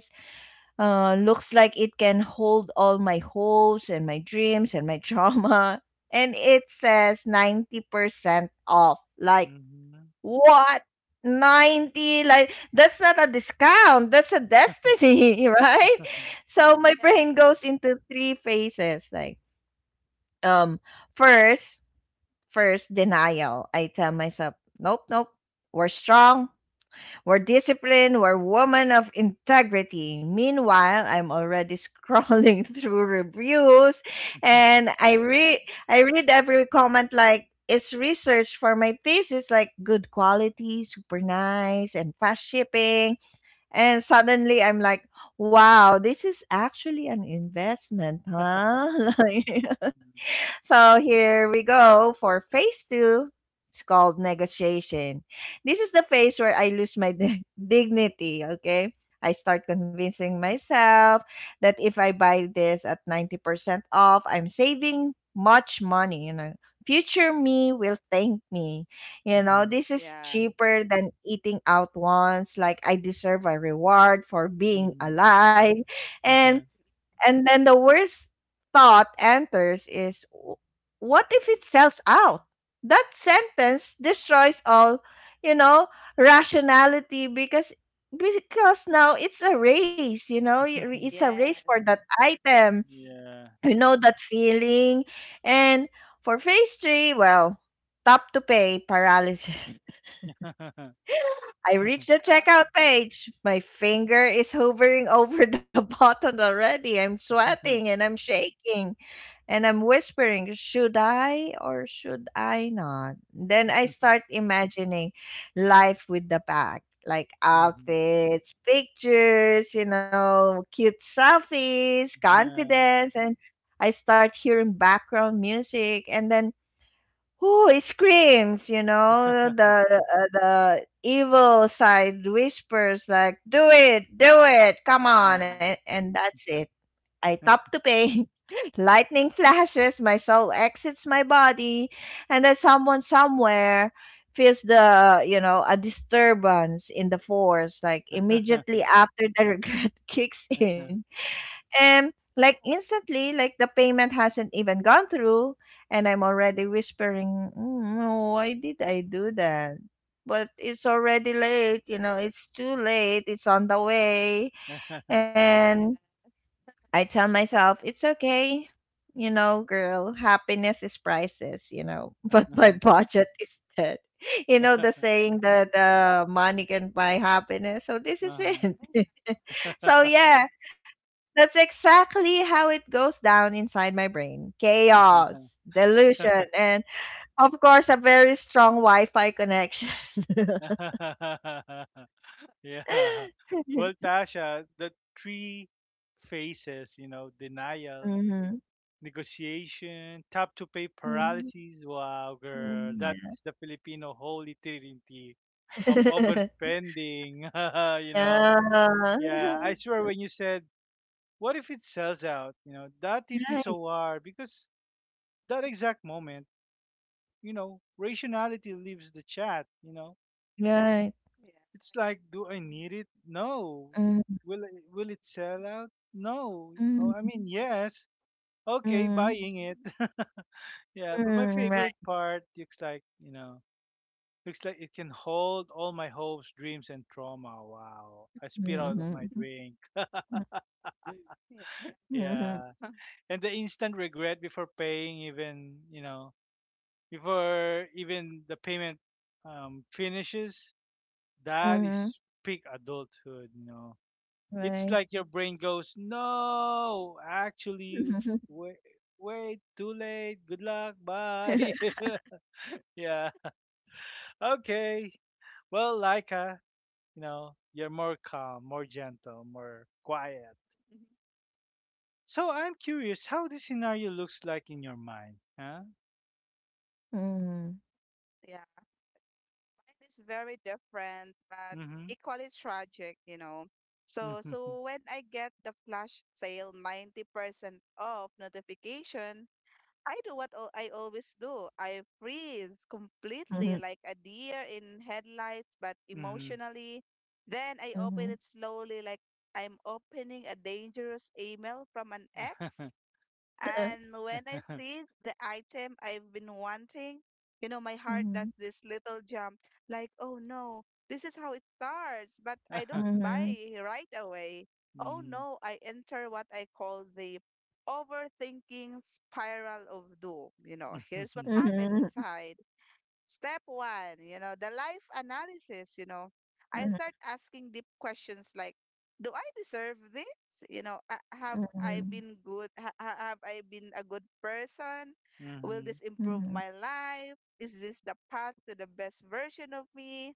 Looks like it can hold all my hopes and my dreams and my trauma. And it says 90% off. Like,
Mhm.
what? 90? Like, that's not a discount. That's a destiny, right? So my
Yeah.
brain goes into three phases. Like, um, first, first denial. I tell myself, nope, nope, we're strong. We're disciplined, we're women of integrity. Meanwhile, I'm already scrolling through reviews and I
Yeah.
read I read every comment like it's research for my thesis, like good quality, super nice, and fast shipping. And suddenly I'm like, wow, this is actually an investment, huh? Like,
Yeah.
so here we go for phase 2. It's called negotiation. This is the phase where I lose my dignity, okay? I start convincing myself that if I buy this at 90% off, I'm saving much money. Future me will thank me.
Mhm.
This is
Yeah.
cheaper than eating out once. Like, I deserve a reward for being
Mhm.
alive.
Yeah.
And and then the worst thought enters is, "What if it sells out?" That sentence destroys all, you know, rationality, because now it's a race, it's a race
Yes.
for that item.
Yeah.
You know that feeling. And for phase 3, well, top to pay paralysis. I reached the checkout page. My finger is hovering over the button already. I'm sweating and I'm shaking and I'm whispering, "Should I or should I not?" Then I start imagining life with the bag, like
Mhm.
outfits, pictures, cute selfies, confidence, and I start hearing background music, and then, oh, it screams, the evil side whispers like, do it, come on,"
Yeah.
and that's it. I top to pay. Lightning flashes, my soul exits my body, and then someone somewhere feels the you know a disturbance in the force. Like immediately after, the regret kicks in, and like instantly, like the payment hasn't even gone through, and I'm already whispering, "Mm, no, why did I do that?" But it's already late, it's too late, it's on the way. And
Yeah.
I tell myself, it's okay, girl, happiness is priceless, but my budget is dead. The saying that money can buy happiness. So this is
Uh-huh.
it. So, yeah, that's exactly how it goes down inside my brain. Chaos, delusion, and of course, a very strong Wi Fi connection.
Yeah. Well, Tasha, the three phases, you know, denial,
Mhm.
negotiation, tap to pay
Mhm.
paralysis. Wow, girl,
Mhm.
that
Yeah.
is the Filipino holy trinity of overspending. You know, yeah, I
Yeah.
swear when you said, what if it sells out? You know, that hit me
Right.
so hard because that exact moment, you know, rationality leaves the chat,
Right.
Yeah.
It's like, do I
Yeah.
need it? No.
Mm,
Will it sell out? No. Oh, I
mm,
mean, yes.
Mhm.
Okay,
mm,
buying it. Yeah, but my
mm. Right.
favorite part looks like, you know, looks like it can hold all my hopes, dreams, and trauma. Wow. I spit out of my
Mhm.
drink.
Yeah.
Mhm.
Yeah. And the instant regret before paying, even, before even the payment finishes, that
Mhm.
is peak adulthood,
Right.
It's like your brain goes, no, actually, wait, wait, too late. Good luck. Bye. Yeah. Okay. Well, Laika, you know, you're more calm, more gentle, more quiet. So I'm curious how this scenario looks like in your mind. Huh?
Mhm.
Yeah. Mine is very different, but
Mm-hmm.
equally tragic, you know. So when I get the flash sale 90% off notification, I do what I always do. I freeze
Mhm.
completely like a deer in headlights, but
Mm-hmm.
emotionally. Then I open
Mhm.
it slowly like I'm opening a dangerous email from an
Mm-hmm.
ex. And when I see the item I've been wanting, you know, my heart does
Mhm.
this little jump like, oh no, this is how it starts, but I don't
Mhm.
buy right away. Oh
Mm-hmm.
no, I enter what I call the overthinking spiral of doom. You know, here's what
Hmm.
happened
Mhm,
inside. Step one, you know, the life analysis, you know, I
mhm,
start asking deep questions like, do I deserve this? You know, " have I
mm,
been good? Have I been a good person? Will this
mhm,
improve my life? Is this the path to the best version of me?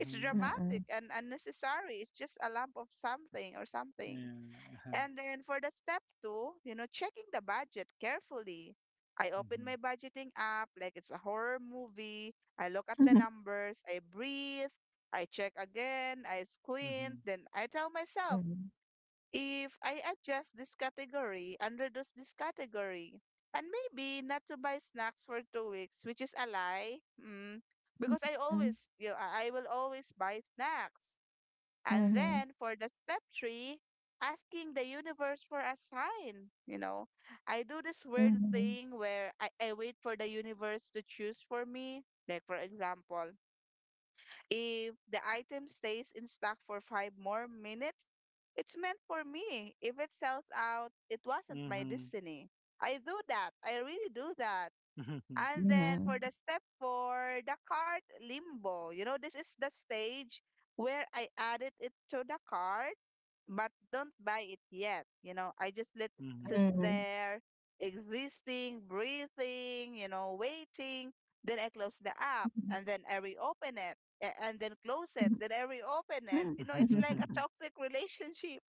It's
mm.
dramatic and unnecessary. It's just a lump of something or something.
Yeah. Uh-huh.
And then for the step two, you know, checking the budget carefully. I open my budgeting app like it's a horror movie. I look at the
Mm,
numbers, I breathe, I check again, I
Mm-hmm.
squint, then I tell myself,
mm,
if I adjust this category and reduce this category, and maybe not to buy snacks for 2 weeks, which is a lie, because I always, you know, I will always buy snacks. And
mhm,
then for the step three, asking the universe for a sign. You know, I do this weird
mhm,
thing where I wait for the universe to choose for me. Like, for example, if the item stays in stock for five more minutes, it's meant for me. If it sells out, it wasn't my
Mm-hmm.
destiny. I do that. I really do that.
Hmm.
And then
mhm,
for the step four, the card limbo. You know, this is the stage where I added it to the card but don't buy it yet. You know, I just let it sit
Hmm.
mm.
there, existing, breathing, you know, waiting. Then I close the app and then I reopen it, and then close it. Then I reopen
Ay.
it. You know,
Mhm,
it's like a toxic relationship.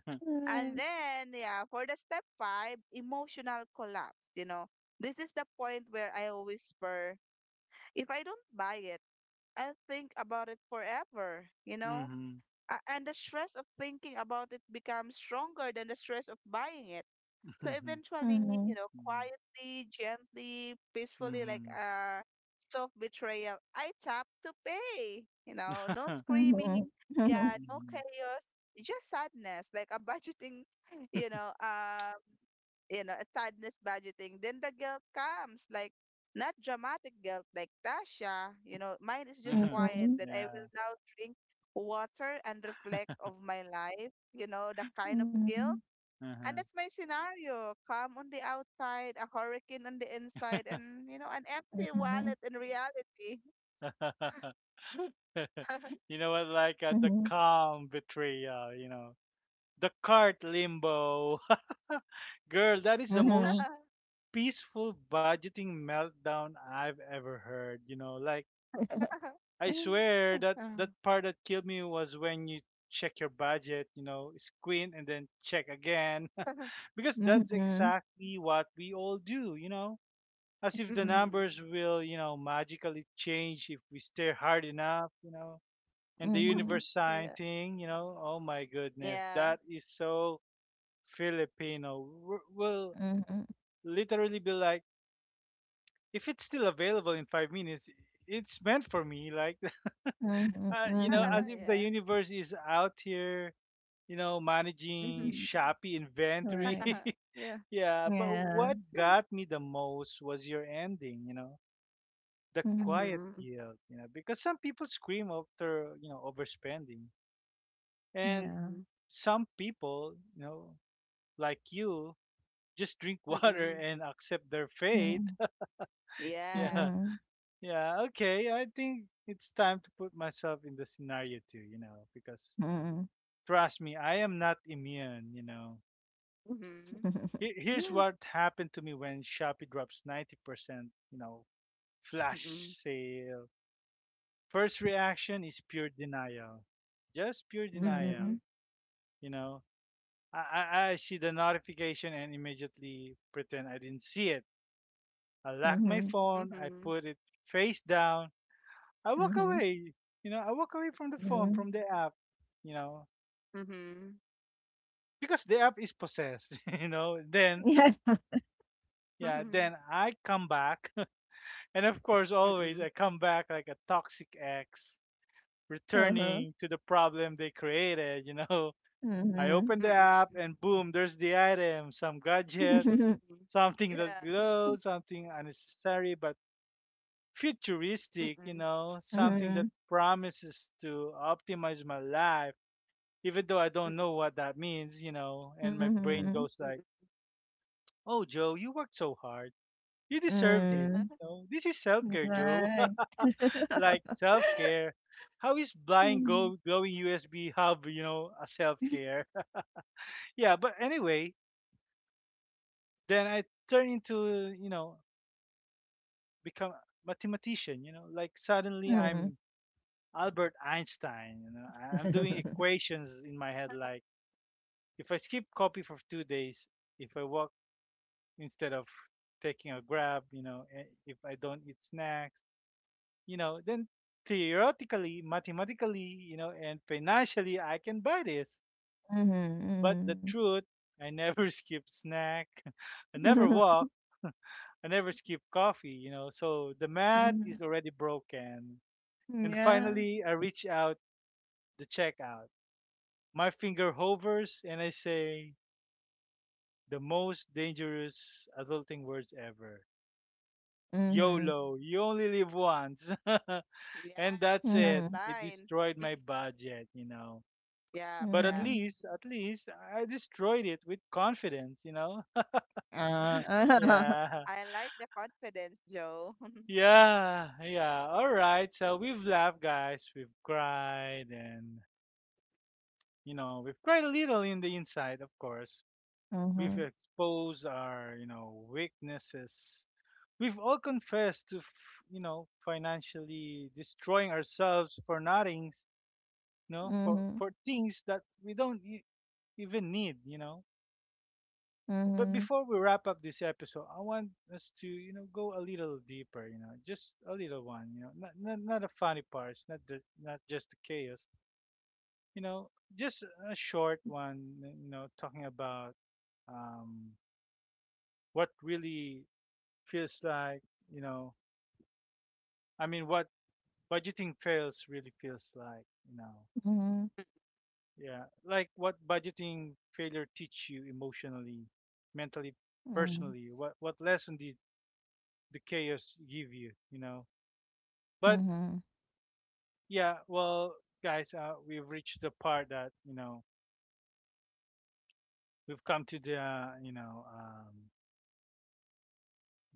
right.
And then, yeah, for the step five, emotional collapse. You know, this is the point where I whisper, if I don't buy it, I'll think about it forever. You know,
Mhm.
and the stress of thinking about it becomes stronger than the stress of buying it. So
Mhm.
Mhm,
eventually, you know, quietly, gently,
Mhm. Yeah.
peacefully, like
Mhm.
a self betrayal, I tap to pay. You know, no
mhm,
screaming,
mhm,
yeah, no
Mhm.
chaos, just sadness, like a budgeting, you know, uh, you know, sadness budgeting, then the guilt comes. Like, not dramatic guilt like Tasha, you know, mine is just
Uh-huh.
mhm,
quiet that I will
Yeah.
now drink water and reflect of my life, you know, the kind of
mhm,
guilt. And
Uh-huh.
that's my scenario. Calm on the outside, a hurricane on the inside, and, you know, an empty
mhm,
wallet in reality.
You know what? Like
mhm.
the calm betrayal, the cart limbo. Girl, that is the
Mhm,
most peaceful budgeting meltdown I've ever heard. You know, like
mm,
I swear that that part that killed me was when you check your budget, squint and then check again. Because that's
mhm,
exactly what we all do, as if the
Mm-mm.
numbers will, magically change if we stare hard enough, and the universe sign
Yeah.
thing, you know, oh my goodness,
Yeah.
that is so Filipino. We'll
mhm,
literally be like, if it's still available in 5 minutes, it's meant for me, like,
mhm, mhm.
as if the
Yeah.
universe is out here. You know, managing
Mm-hmm.
Mm,
Shopee
right.
inventory.
Yeah.
Yeah, but
Yeah.
what got me the most was your ending, the
Mhm,
quiet
Mm-mm.
guilt, because some people scream after, overspending. And
yeah.
Mm-mm.
some people, like you, just drink water
Mm-mm.
and accept their
Mhm,
fate.
Yeah.
Yeah,
mhm,
yeah, okay. I think it's time to put myself in the scenario too, because
mhm.
trust me, I am not immune,
Mm-hmm.
Here's what happened to me when Shopee drops 90%, flash
Mm-mm.
sale. First reaction is pure denial, just pure
Mhm.
Mm-hmm.
denial. You know, I see the notification and immediately pretend I didn't see it. I lock
Mhm.
my phone, I
Mm-hmm.
put it face down, I walk
Mhm.
away. You know, I walk away from the phone,
Mhm.
from the app, you know,
Mm-hmm.
because the app is possessed, you know, then.
Yeah.
Yeah,
Mm-hmm.
then I come back. And of course, always
Mm-mm.
I come back like a toxic ex
Uh-huh.
returning to the problem they created, I
Mhm.
open the app
Mm-mm.
and boom, there's the item, some gadget,
Mm-mm.
something that
Yeah.
glows, something unnecessary but futuristic,
Mm-mm.
something
Mhm.
that promises to optimize my life, even though I don't know
Mm-mm.
what that means, and my brain
Mhm.
goes like,
Mm-mm.
"Oh, Joe, you worked so hard. You deserve
Yeah.
this."
Mm.
You know, this is self-care, Joe.
Right.
Like self-care. How is blind
Mhm.
glowing USB hub, you know, a self-care? Yeah, but anyway, then I turn into you know become mathematician, like suddenly
Mhm.
I'm Albert Einstein, I- I'm doing equations in my head like, if I skip coffee for 2 days, if I walk instead of taking a grab, if I don't eat snacks, then theoretically, mathematically, and financially I can buy this. But
Mhm.
the truth, I never skip snack, I
Mhm.
never walk, I never skip coffee, So the math
Mhm.
is already broken. And
Yeah.
finally, I reach out the checkout. My finger hovers and I say the most dangerous adulting words ever.
Mhm.
YOLO, you only live once.
Yes,
And that's
that
Mhm.
it. It
line.
destroyed my budget,
Yep,
But
Mhm.
yep.
at least I destroyed it with confidence,
Ah.
Yeah.
I like the confidence, Joe.
Yeah, yeah. All right. So we've laughed, guys. We've cried, and, we've cried a little in the inside, of course.
Mhm.
We've exposed our, weaknesses. We've all confessed to, financially destroying ourselves for nothings,
Mhm.
for things that we don't even need,
Mhm.
But before we wrap up this episode, I want us to, go a little deeper, just a little one, not the funny parts, not just the chaos, you know, just a short one, talking about um, what really feels like, you know, I mean, what budgeting fails really feels like,
Mhm.
yeah, like what budgeting failure teach you emotionally, mentally, personally. What lesson did the chaos give you, you know? But
Mhm.
yeah, well, guys, we've reached the part that you know we've come to the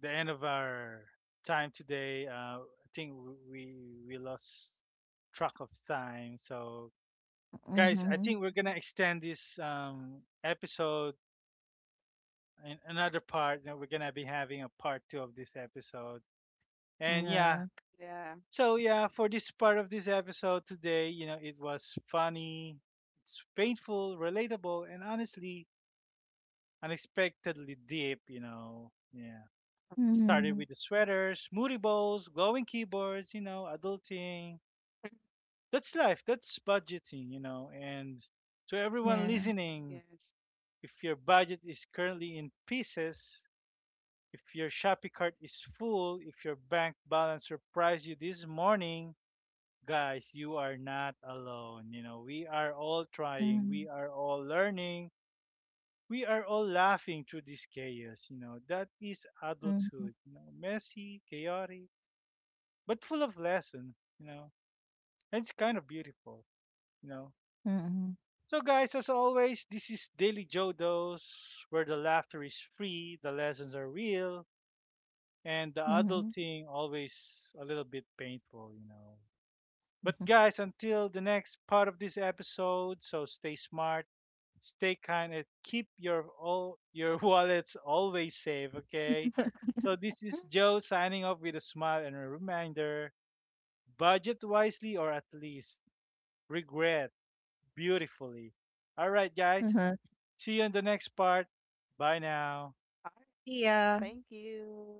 the end of our time today. I think we we lost track of time, so
Mhm. Mhm.
guys, I think we're gonna extend this episode in another part, we're gonna be having a part two of this episode, and
Yeah.
yeah,
Yeah.
so yeah, for this part of this episode today, it was funny, it's painful, relatable, and honestly unexpectedly deep, yeah, it
Mhm.
started with the sweaters, moody bowls, glowing keyboards, adulting. That's life, that's budgeting, and to
Yeah.
everyone listening,
Yes.
if your budget is currently in pieces, if your shopping cart is full, if your bank balance surprised you this morning, guys, you are not alone. You know, we are all
Mhm.
trying, we are all learning, we are all laughing through this chaos. You know, that is
Mhm.
adulthood. You know, messy, chaotic, but full of lesson. You know, and it's kind of beautiful. You know.
Mhm.
So, guys, as always, this is Daily Jodos, where the laughter is free, the lessons are real, and the
Mhm.
adulting always a little bit painful,
Mhm.
But guys, until the next part of this episode, so stay smart, stay kind, and keep your all your wallets always safe, okay? So this is Joe signing off with a smile and a reminder: budget wisely, or at least regret beautifully. All right,
Uh-huh.
guys. See you in the next part. Bye now.
All right.
Yeah.
Thank you.